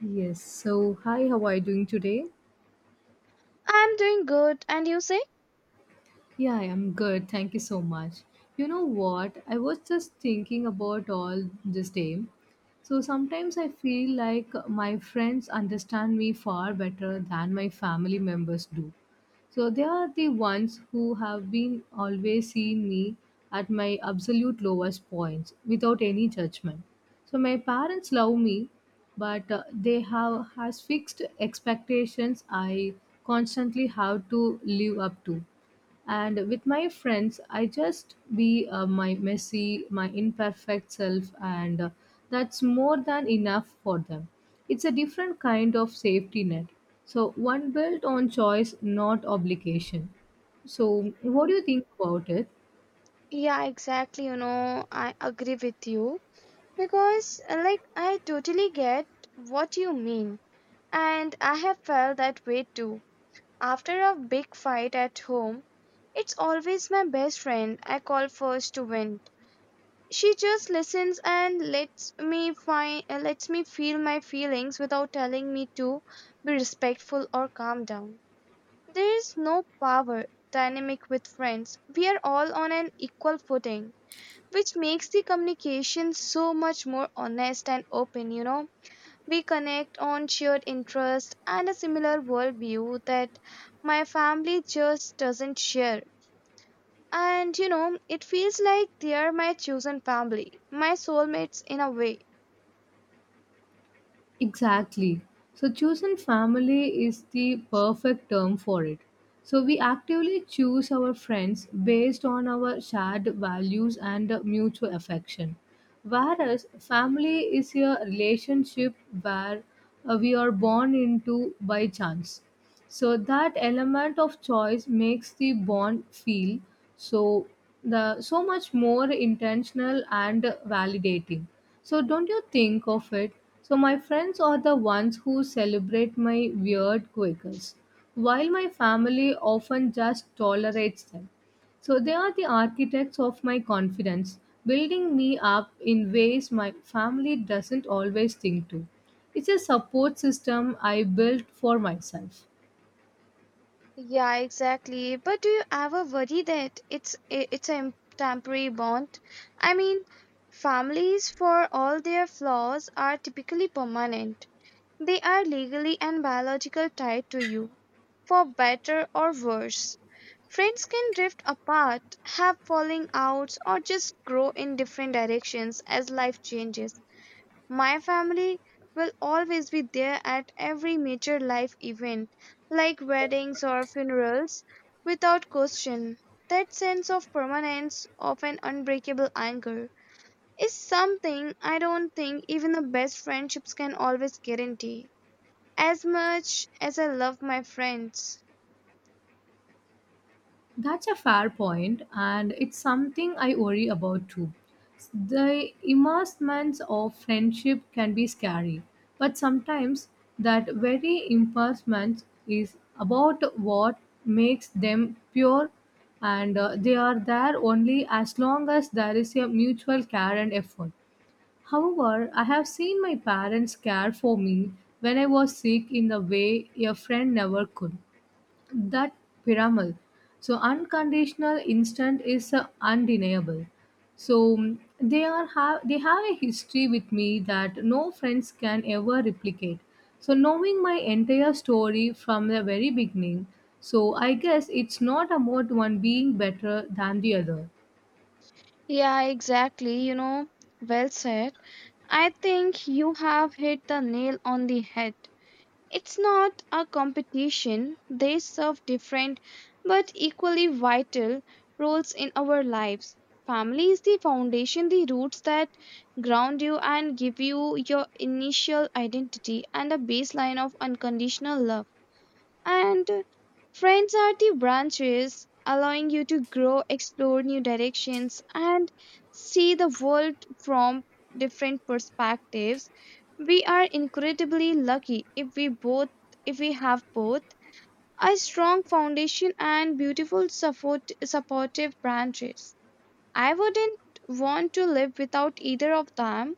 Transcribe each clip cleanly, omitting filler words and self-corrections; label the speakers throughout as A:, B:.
A: Yes. So, hi, how are you doing today?
B: I'm doing good. And you say?
A: Yeah, I am good. Thank you so much. You know what? I was just thinking about all this day. So sometimes I feel like my friends understand me far better than my family members do. So they are the ones who have been always seeing me at my absolute lowest points without any judgment. So my parents love me, but they have has fixed expectations I constantly have to live up to. And with my friends, I just be my messy, my imperfect self, and that's more than enough for them. It's a different kind of safety net. So, one built on choice, not obligation. So, what do you think about it?
B: Yeah, exactly. You know, I agree with you because, I totally get what you mean. And I have felt that way too. After a big fight at home, it's always my best friend I call first to vent. She just listens and lets me feel my feelings without telling me to be respectful or calm down. There is no power dynamic with friends. We are all on an equal footing, which makes the communication so much more honest and open, you know. We connect on shared interests and a similar worldview that my family just doesn't share. And you know, it feels like they are my chosen family, my soulmates in a way.
A: Exactly. So, chosen family is the perfect term for it. So, we actively choose our friends based on our shared values and mutual affection. Whereas, family is a relationship where we are born into by chance, so that element of choice makes the bond feel so so much more intentional and validating. So, don't you think of it? So my friends are the ones who celebrate my weird quakers, while my family often just tolerates them. So they are the architects of my confidence, building me up in ways my family doesn't always think to. It's a support system I built for myself.
B: Yeah, exactly. But do you ever worry that it's a temporary bond? I mean, families for all their flaws are typically permanent. They are legally and biological tied to you, for better or worse. Friends can drift apart, have falling outs, or just grow in different directions as life changes. My family will always be there at every major life event, like weddings or funerals, without question. That sense of permanence, of an unbreakable anchor, is something I don't think even the best friendships can always guarantee. As much as I love my friends.
A: That's a fair point, and it's something I worry about too. The immersements of friendship can be scary, but sometimes that very immersement is about what makes them pure, and they are there only as long as there is a mutual care and effort. However, I have seen my parents care for me when I was sick in the way a friend never could, that pyramid. So unconditional instant is undeniable. So they have a history with me that no friends can ever replicate. So knowing my entire story from the very beginning. So I guess it's not about one being better than the other.
B: Yeah, exactly. You know, well said. I think you have hit the nail on the head. It's not a competition, they serve different but equally vital roles in our lives. Family is the foundation, the roots that ground you and give you your initial identity and a baseline of unconditional love. And friends are the branches allowing you to grow, explore new directions, and see the world from different perspectives. We are incredibly lucky if we have both a strong foundation and supportive branches. I wouldn't want to live without either of them.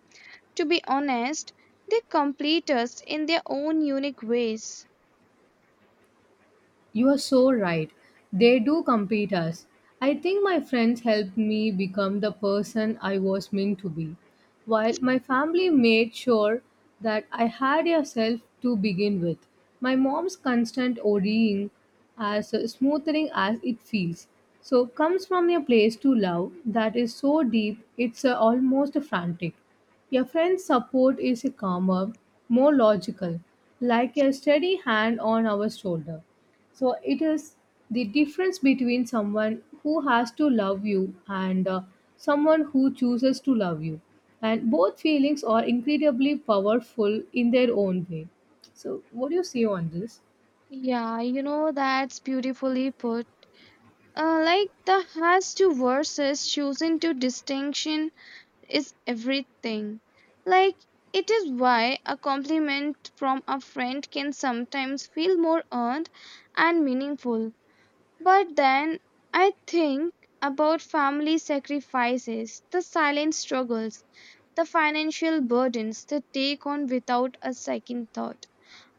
B: To be honest, they complete us in their own unique ways.
A: You are so right. They do compete us. I think my friends helped me become the person I was meant to be, while my family made sure that I had a self to begin with. My mom's constant worrying, as smoothing as it feels, so comes from a place to love that is so deep it's almost frantic. Your friend's support is a calmer, more logical, like a steady hand on our shoulder. So it is the difference between someone who has to love you and someone who chooses to love you. And both feelings are incredibly powerful in their own way. So, what do you say on this?
B: Yeah, you know, that's beautifully put. The has to versus choosing to distinction is everything. Like it is why a compliment from a friend can sometimes feel more earned and meaningful. But then I think about family sacrifices, the silent struggles, the financial burdens they take on without a second thought.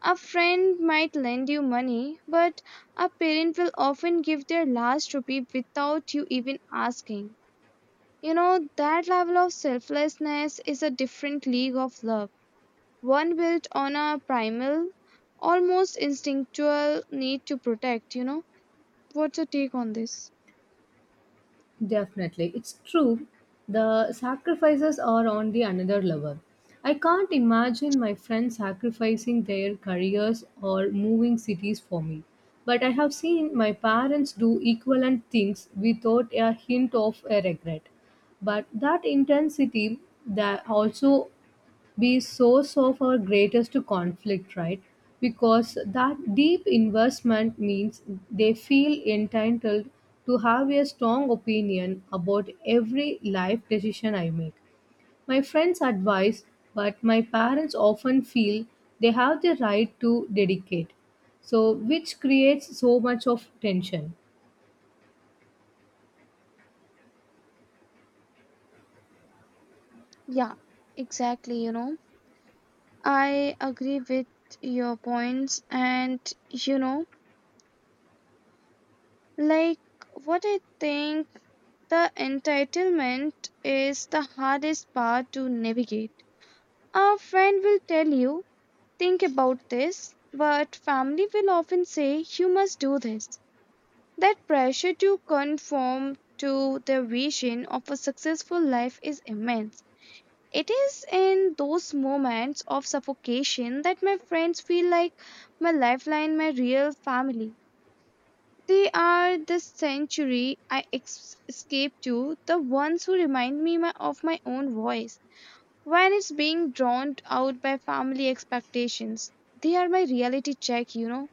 B: A friend might lend you money, but a parent will often give their last rupee without you even asking. You know, that level of selflessness is a different league of love, one built on a primal, almost instinctual need to protect. You know, what's your take on this?
A: Definitely. It's true. The sacrifices are on the another level. I can't imagine my friends sacrificing their careers or moving cities for me. But I have seen my parents do equivalent things without a hint of a regret. But that intensity, that also be source of our greatest conflict, right? Because that deep investment means they feel entitled to have a strong opinion about every life decision I make. My friends advise, but my parents often feel they have the right to dedicate, so which creates so much of tension.
B: Yeah, exactly. You know, I agree with your points, and you know, Like what I think the entitlement is the hardest part to navigate. A friend will tell you, think about this, but family will often say, you must do this. That pressure to conform to their vision of a successful life is immense. It is in those moments of suffocation that my friends feel like my lifeline, my real family. They are the sanctuary I escape to, the ones who remind me of my own voice when it's being drowned out by family expectations. They are my reality check, you know.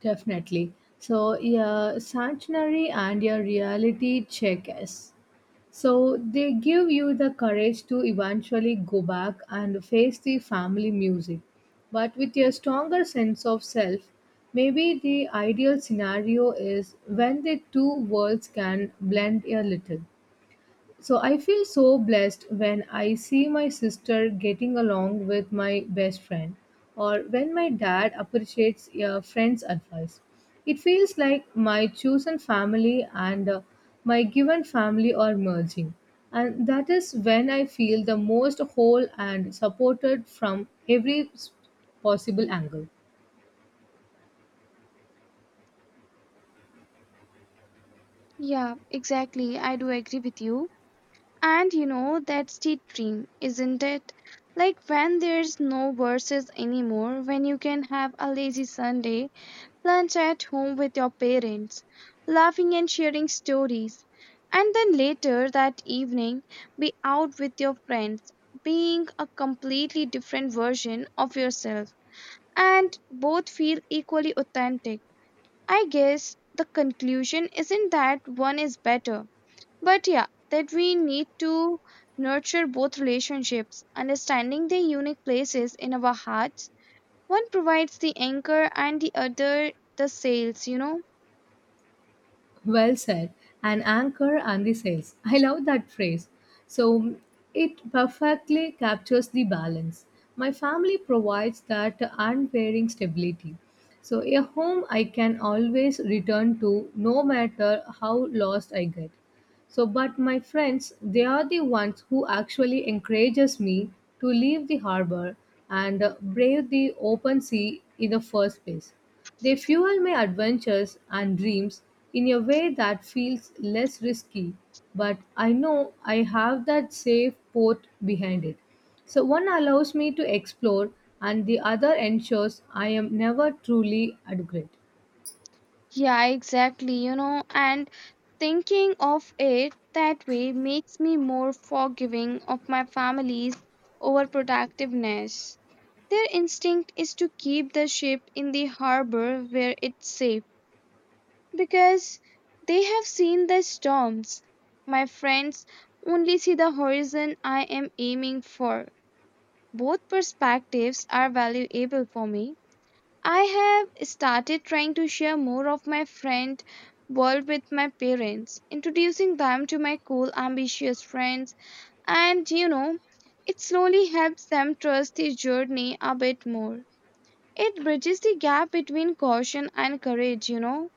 A: Definitely. So, yeah, sanctuary and your reality check is. So they give you the courage to eventually go back and face the family music, but with a stronger sense of self. Maybe the ideal scenario is when the two worlds can blend a little. So I feel so blessed when I see my sister getting along with my best friend, or when my dad appreciates a friend's advice. It feels like my chosen family and my given family are merging. And that is when I feel the most whole and supported from every possible angle.
B: Yeah, exactly. I do agree with you. And you know, that's the dream, isn't it? Like when there's no verses anymore, when you can have a lazy Sunday lunch at home with your parents, laughing and sharing stories, and then later that evening be out with your friends, being a completely different version of yourself, and both feel equally authentic. I guess the conclusion isn't that one is better, but yeah, that we need to nurture both relationships, understanding their unique places in our hearts. One provides the anchor and the other the sails, you know.
A: Well said. An anchor and the sails. I love that phrase. So it perfectly captures the balance. My family provides that unwavering stability. So a home I can always return to no matter how lost I get. So but my friends, they are the ones who actually encourages me to leave the harbor and brave the open sea in the first place. They fuel my adventures and dreams in a way that feels less risky, but I know I have that safe port behind it. So one allows me to explore, and the other ensures I am never truly at.
B: Yeah, exactly. You know, and thinking of it that way makes me more forgiving of my family's overprotectiveness. Their instinct is to keep the ship in the harbor where it's safe because they have seen the storms. My friends only see the horizon I am aiming for. Both perspectives are valuable for me. I have started trying to share more of my friend world with my parents, introducing them to my cool, ambitious friends, and you know, it slowly helps them trust the journey a bit more. It bridges the gap between caution and courage, you know.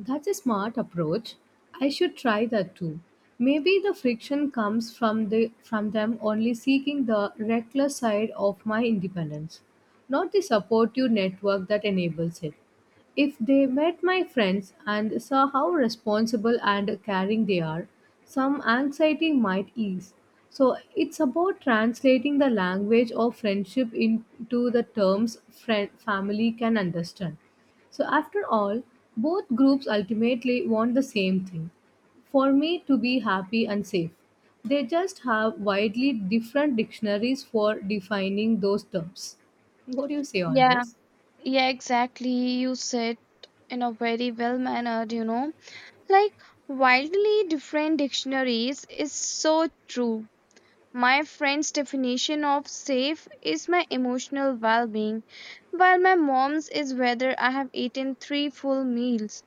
A: That's a smart approach. I should try that too. Maybe the friction comes from them only seeking the reckless side of my independence, not the supportive network that enables it. If they met my friends and saw how responsible and caring they are, some anxiety might ease. So it's about translating the language of friendship into the terms friend family can understand. So, after all, both groups ultimately want the same thing for me to be happy and safe. They just have widely different dictionaries for defining those terms. What do you say on
B: Yeah,
A: this?
B: yeah, exactly. You said in a very well mannered, you know, like wildly different dictionaries is so true. My friend's definition of safe is my emotional well being, while my mom's is whether I have eaten three full meals.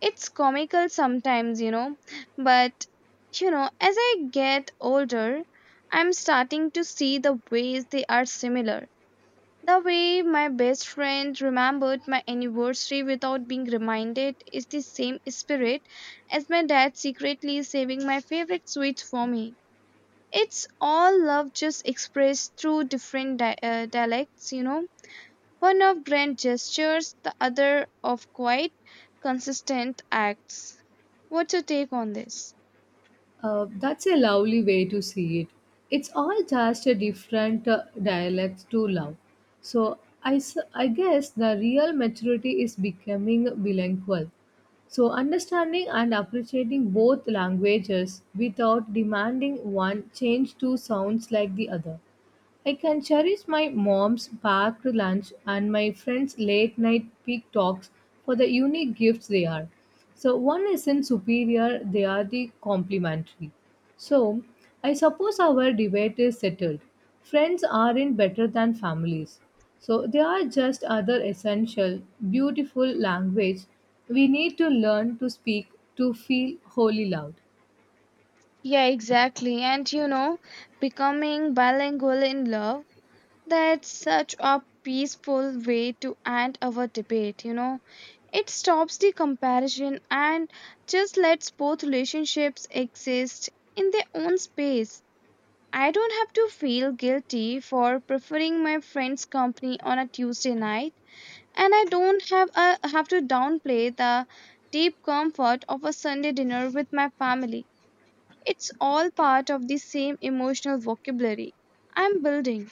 B: It's comical sometimes, you know, but you know, as I get older, I'm starting to see the ways they are similar. The way my best friend remembered my anniversary without being reminded is the same spirit as my dad secretly saving my favorite sweets for me. It's all love just expressed through different dialects, you know. One of grand gestures, the other of quite consistent acts. What's your take on this?
A: That's a lovely way to see it. It's all just a different dialect to love. So I guess the real maturity is becoming bilingual. So understanding and appreciating both languages without demanding one change to sounds like the other. I can cherish my mom's packed lunch and my friends' late night peak talks for the unique gifts they are. So, one isn't superior, they are the complementary. So, I suppose our debate is settled. Friends aren't better than families. So, they are just other essential, beautiful language we need to learn to speak to feel wholly loved.
B: Yeah, exactly. And you know, becoming bilingual in love, that's such a peaceful way to end our debate, you know. It stops the comparison and just lets both relationships exist in their own space. I don't have to feel guilty for preferring my friend's company on a Tuesday night, and I don't have to downplay the deep comfort of a Sunday dinner with my family. It's all part of the same emotional vocabulary I'm building,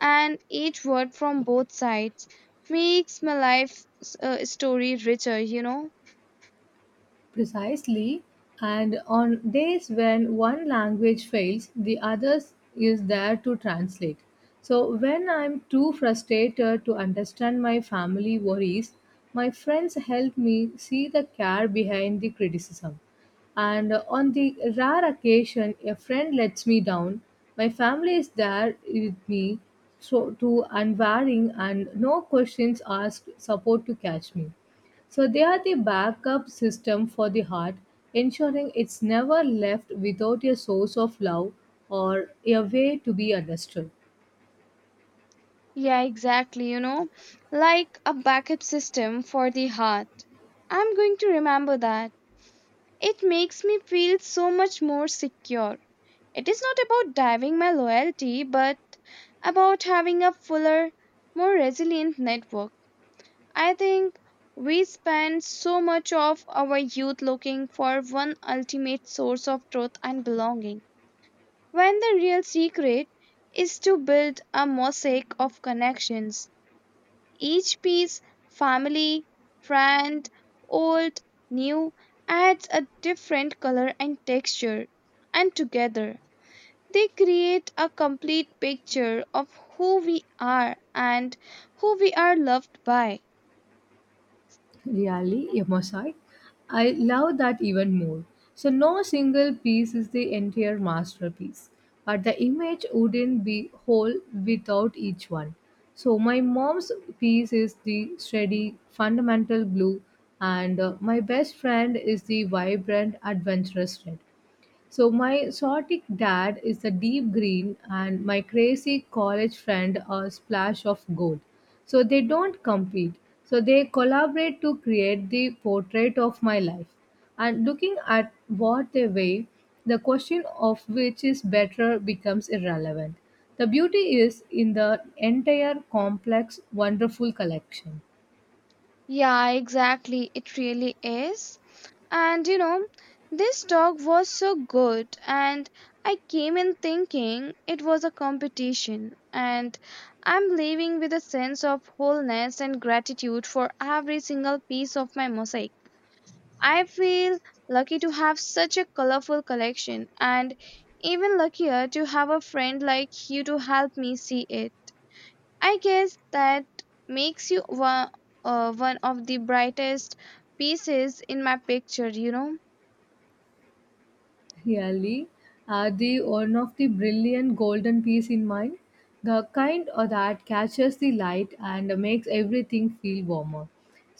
B: and each word from both sides makes my life story richer, you know?
A: Precisely. And on days when one language fails, the other is there to translate. So when I'm too frustrated to understand my family worries, my friends help me see the care behind the criticism. And on the rare occasion a friend lets me down, my family is there with me, so to unvarying and no questions asked support to catch me. So they are the backup system for the heart, ensuring it's never left without a source of love or a way to be understood.
B: Yeah, exactly, you know? Like a backup system for the heart. I'm going to remember that. It makes me feel so much more secure. It is not about diving my loyalty, but about having a fuller, more resilient network. I think we spend so much of our youth looking for one ultimate source of truth and belonging, when the real secret is to build a mosaic of connections, each piece, family, friend, old, new, adds a different color and texture, and together they create a complete picture of who we are and who we are loved by.
A: Really, a mosaic. I love that even more. So no single piece is the entire masterpiece, but the image wouldn't be whole without each one. So my mom's piece is the steady fundamental blue, and my best friend is the vibrant adventurous red. So my exotic dad is a deep green, and my crazy college friend a splash of gold. So they don't compete. So they collaborate to create the portrait of my life. And looking at what they weigh, the question of which is better becomes irrelevant. The beauty is in the entire complex, wonderful collection.
B: Yeah, exactly. It really is. And you know, this dog was so good, and I came in thinking it was a competition. And I'm leaving with a sense of wholeness and gratitude for every single piece of my mosaic. I feel lucky to have such a colorful collection, and even luckier to have a friend like you to help me see it. I guess that makes you one of the brightest pieces in my picture, you know?
A: Really, are the one of the brilliant golden piece in mind, the kind of that catches the light and makes everything feel warmer.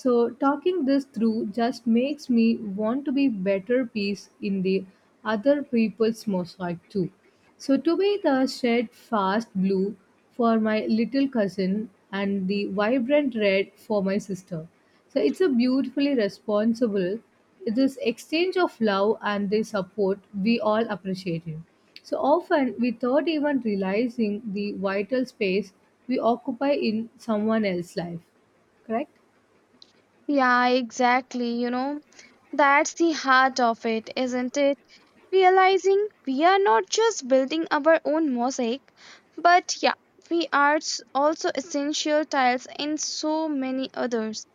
A: So, talking this through just makes me want to be better piece in the other people's mosaic too. So, to be the shed fast blue for my little cousin and the vibrant red for my sister. So, it's a beautifully responsible this exchange of love, and the support we all appreciate it. So often without even realizing the vital space we occupy in someone else's life. Correct?
B: Yeah, exactly, you know? That's the heart of it, isn't it? Realizing we are not just building our own mosaic, but yeah, also essential tiles in so many others,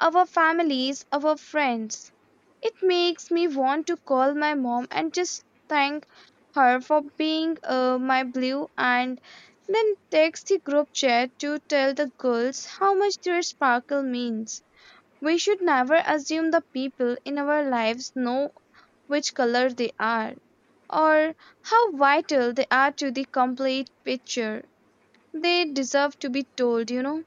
B: our families, our friends. It makes me want to call my mom and just thank her for being my blue and then text the group chat to tell the girls how much their sparkle means. We should never assume the people in our lives know which color they are or how vital they are to the complete picture. They deserve to be told, you know.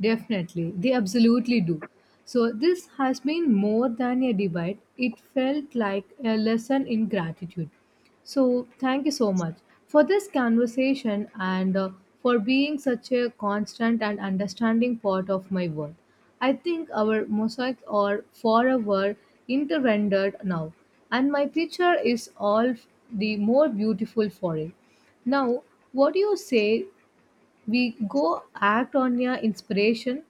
A: Definitely, they absolutely do. So, this has been more than a debate, it felt like a lesson in gratitude. So, thank you so much for this conversation and for being such a constant and understanding part of my world. I think our mosaics are forever interrendered now, and my picture is all the more beautiful for it. Now, what do you say we go act on your inspiration.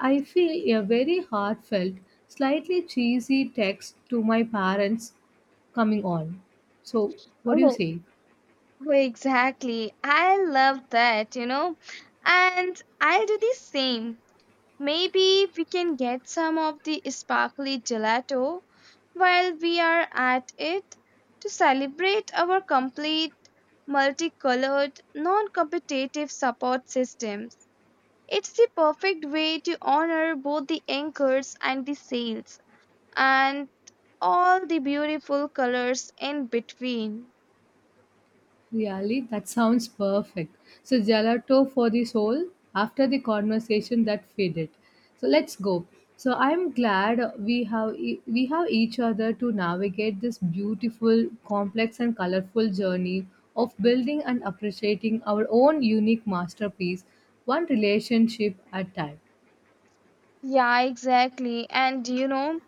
A: I feel a very heartfelt, slightly cheesy text to my parents coming on. So, what do you
B: Oh,
A: say?
B: exactly. I love that, you know. And I'll do the same. Maybe we can get some of the sparkly gelato while we are at it to celebrate our complete, multicolored, non competitive support systems. It's the perfect way to honor both the anchors and the sails and all the beautiful colors in between.
A: Really, that sounds perfect. So, gelato for the soul after the conversation that faded. So, let's go. So, I'm glad we have each other to navigate this beautiful, complex, and colorful journey of building and appreciating our own unique masterpiece, one relationship at time.
B: Yeah, exactly. And you know,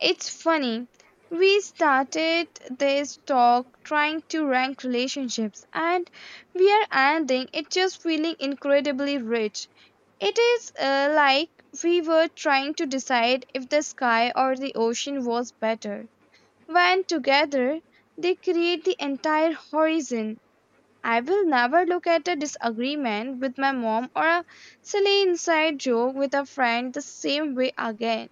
B: it's funny. We started this talk trying to rank relationships, and we are ending it just feeling incredibly rich. It is like we were trying to decide if the sky or the ocean was better. When together, they create the entire horizon. I will never look at a disagreement with my mom or a silly inside joke with a friend the same way again.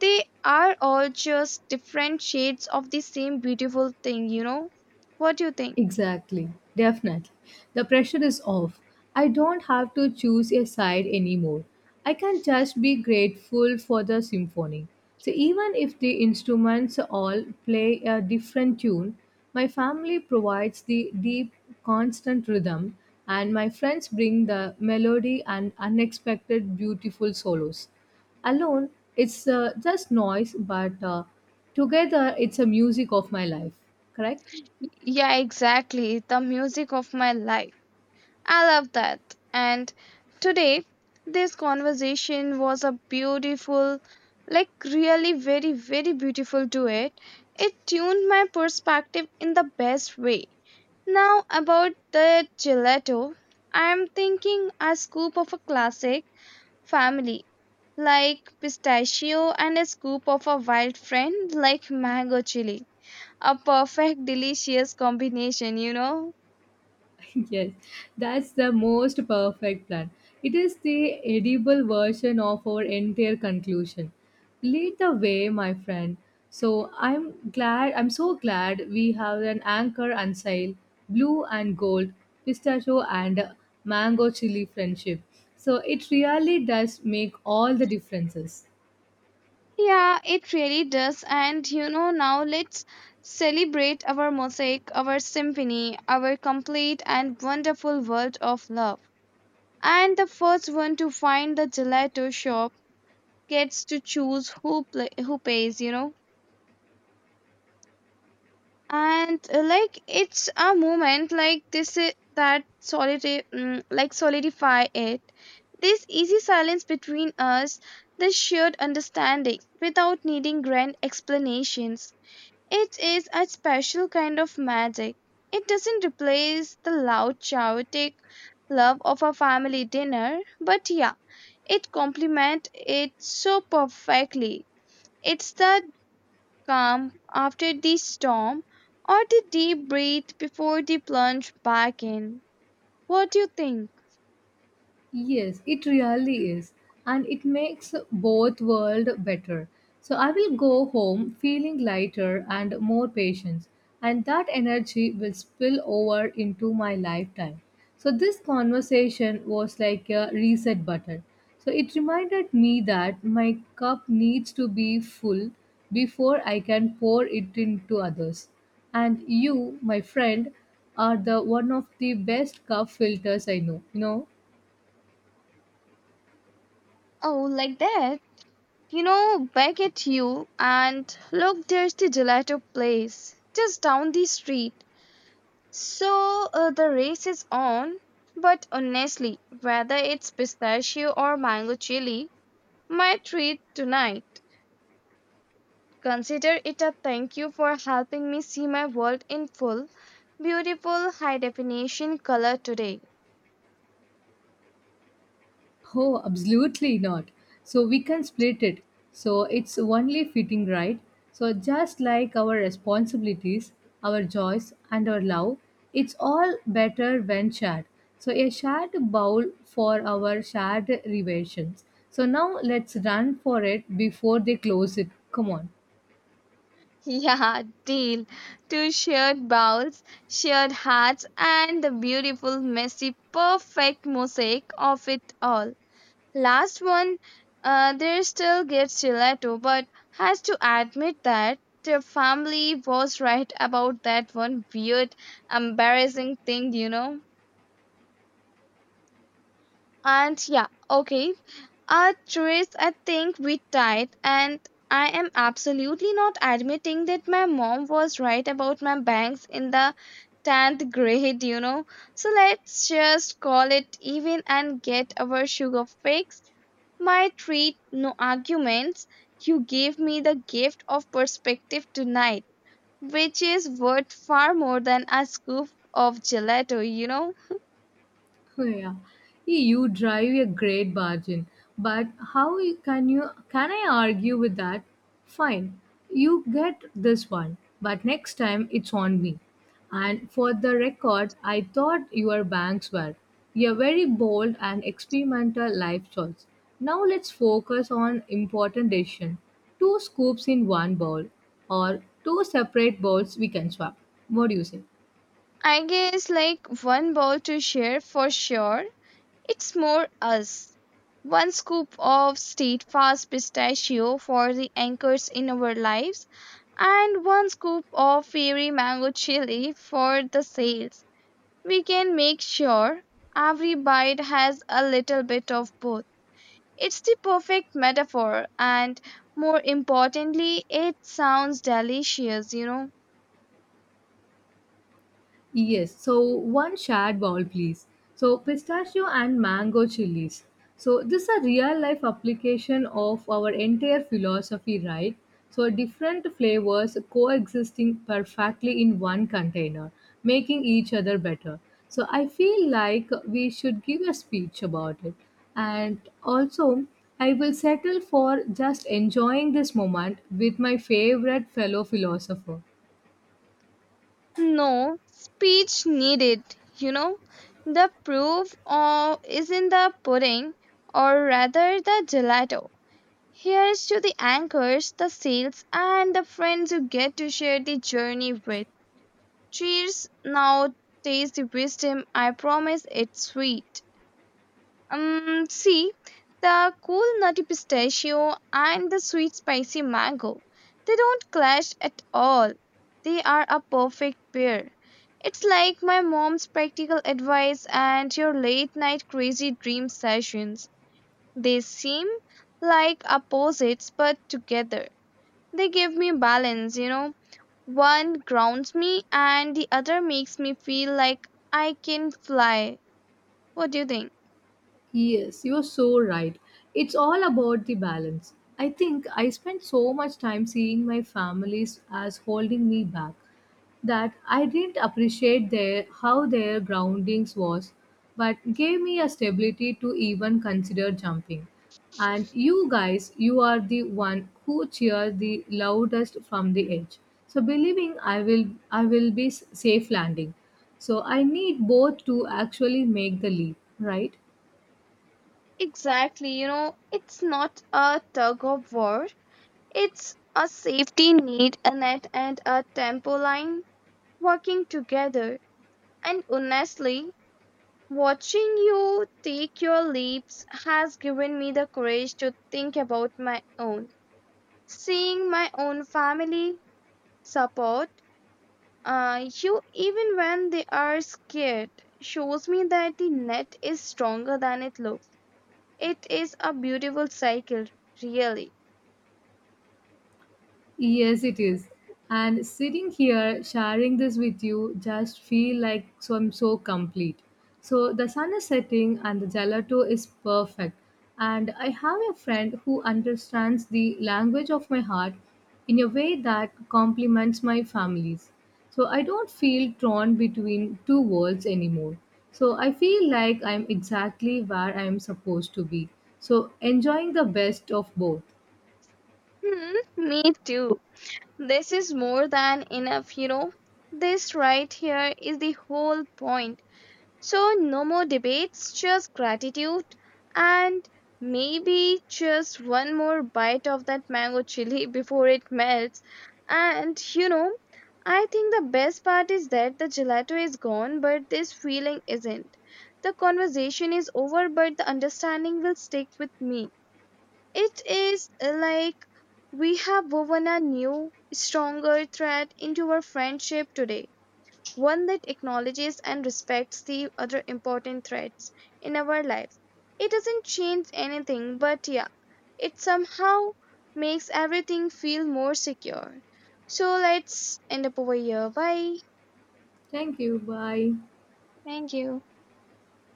B: They are all just different shades of the same beautiful thing, you know? What do you think?
A: Exactly, definitely. The pressure is off. I don't have to choose a side anymore. I can just be grateful for the symphony. So, even if the instruments all play a different tune, my family provides the deep, constant rhythm, and my friends bring the melody and unexpected, beautiful solos. Alone, it's just noise, but together, it's a music of my life, correct?
B: Yeah, exactly. The music of my life. I love that. And today, this conversation was a beautiful, like really very, very beautiful duet. It tuned my perspective in the best way. Now about the gelato, I'm thinking a scoop of a classic family like pistachio and a scoop of a wild friend like mango chili. A perfect delicious combination, you know.
A: Yes, that's the most perfect plan. It is the edible version of our entire conclusion. Lead the way, my friend. So I'm glad, I'm so glad we have an anchor and sail, blue and gold, pistachio and mango chili friendship. So it really does make all the differences.
B: Yeah, it really does. And you know, now let's celebrate our mosaic, our symphony, our complete and wonderful world of love. And the first one to find the gelato shop gets to choose who pays, you know. And like, it's a moment like this that like, solidify it, this easy silence between us, this shared understanding without needing grand explanations. It is a special kind of magic. It doesn't replace the loud, chaotic love of a family dinner, but yeah, it complements it so perfectly. It's the calm after the storm, or the deep breath before the plunge back in. What do you think?
A: Yes, it really is. And it makes both world better. So I will go home feeling lighter and more patient, and that energy will spill over into my lifetime. So this conversation was like a reset button. So it reminded me that my cup needs to be full before I can pour it into others. And you, my friend, are the one of the best cup filters I know.
B: Oh, like that? You know, back at you, and look, there's the gelato place just down the street. So the race is on, but honestly, whether it's pistachio or mango chili, my treat tonight. Consider it a thank you for helping me see my world in full, beautiful, high definition color today.
A: Oh, absolutely not. So we can split it. So it's only fitting, right? So just like our responsibilities, our joys, and our love, it's all better when shared. So a shared bowl for our shared revelations. So now let's run for it before they close it. Come on.
B: Yeah, deal. Two shared bowls, shared hearts, and the beautiful, messy, perfect mosaic of it all. Last one, there still gets gelato, but has to admit that the family was right about that one weird, embarrassing thing, you know. And yeah, okay, Trace, I think we tied, and I am absolutely not admitting that my mom was right about my bangs in the 10th grade, you know. So let's just call it even and get our sugar fix. My treat, no arguments. You gave me the gift of perspective tonight, which is worth far more than a scoop of gelato, you know.
A: Yeah. Hey, you drive a great bargain, but how you can I argue with that? Fine, you get this one, but next time it's on me. And for the record, I thought your banks were a very bold and experimental life choice. Now let's focus on important decision. Two scoops in one bowl, or two separate bowls we can swap. What do you say?
B: I guess, like, one bowl to share for sure. It's more us. One scoop of state fast pistachio for the anchors in our lives, and one scoop of fairy mango chili for the sails. We can make sure every bite has a little bit of both. It's the perfect metaphor, and more importantly, it sounds delicious, you know.
A: Yes, so one shared bowl, please. So pistachio and mango chilies. So this is a real life application of our entire philosophy, right? So different flavors coexisting perfectly in one container, making each other better. So I feel like we should give a speech about it. And also, I will settle for just enjoying this moment with my favorite fellow philosopher.
B: No speech needed, you know. The proof of, is in the pudding, or rather the gelato. Here's to the anchors, the sails, and the friends you get to share the journey with. Cheers! Now taste the wisdom. I promise it's sweet. See, the cool nutty pistachio and the sweet spicy mango, they don't clash at all. They are a perfect pair. It's like my mom's practical advice and your late night crazy dream sessions. They seem like opposites, but together they give me balance, you know. One grounds me, and the other makes me feel like I can fly. What do you think?
A: Yes, you're so right. It's all about the balance. I think I spent so much time seeing my families as holding me back that I didn't appreciate their how their groundings was, but gave me a stability to even consider jumping. And you guys, you are the one who cheer the loudest from the edge. So believing I will be safe landing. So I need both to actually make the leap, right?
B: Exactly, you know, it's not a tug of war, it's a safety need, a net, and a tempo line working together. And honestly, watching you take your leaps has given me the courage to think about my own. Seeing my own family support you even when they are scared shows me that the net is stronger than it looks. It is a beautiful cycle, really.
A: Yes, it is. And sitting here sharing this with you just feel like so I'm so complete. So the sun is setting and the gelato is perfect. And I have a friend who understands the language of my heart in a way that complements my family's. So I don't feel torn between two worlds anymore. So I feel like I'm exactly where I'm supposed to be. So enjoying the best of both.
B: Hmm, me too. This is more than enough, you know. This right here is the whole point. So, no more debates, just gratitude and maybe just one more bite of that mango chili before it melts. And you know, I think the best part is that the gelato is gone, but this feeling isn't. The conversation is over, but the understanding will stick with me. It is like we have woven a new, stronger thread into our friendship today, one that acknowledges and respects the other important threads in our lives. It doesn't change anything, but yeah, it somehow makes everything feel more secure. So let's end up over here. Bye.
A: Thank you. Bye.
B: Thank you.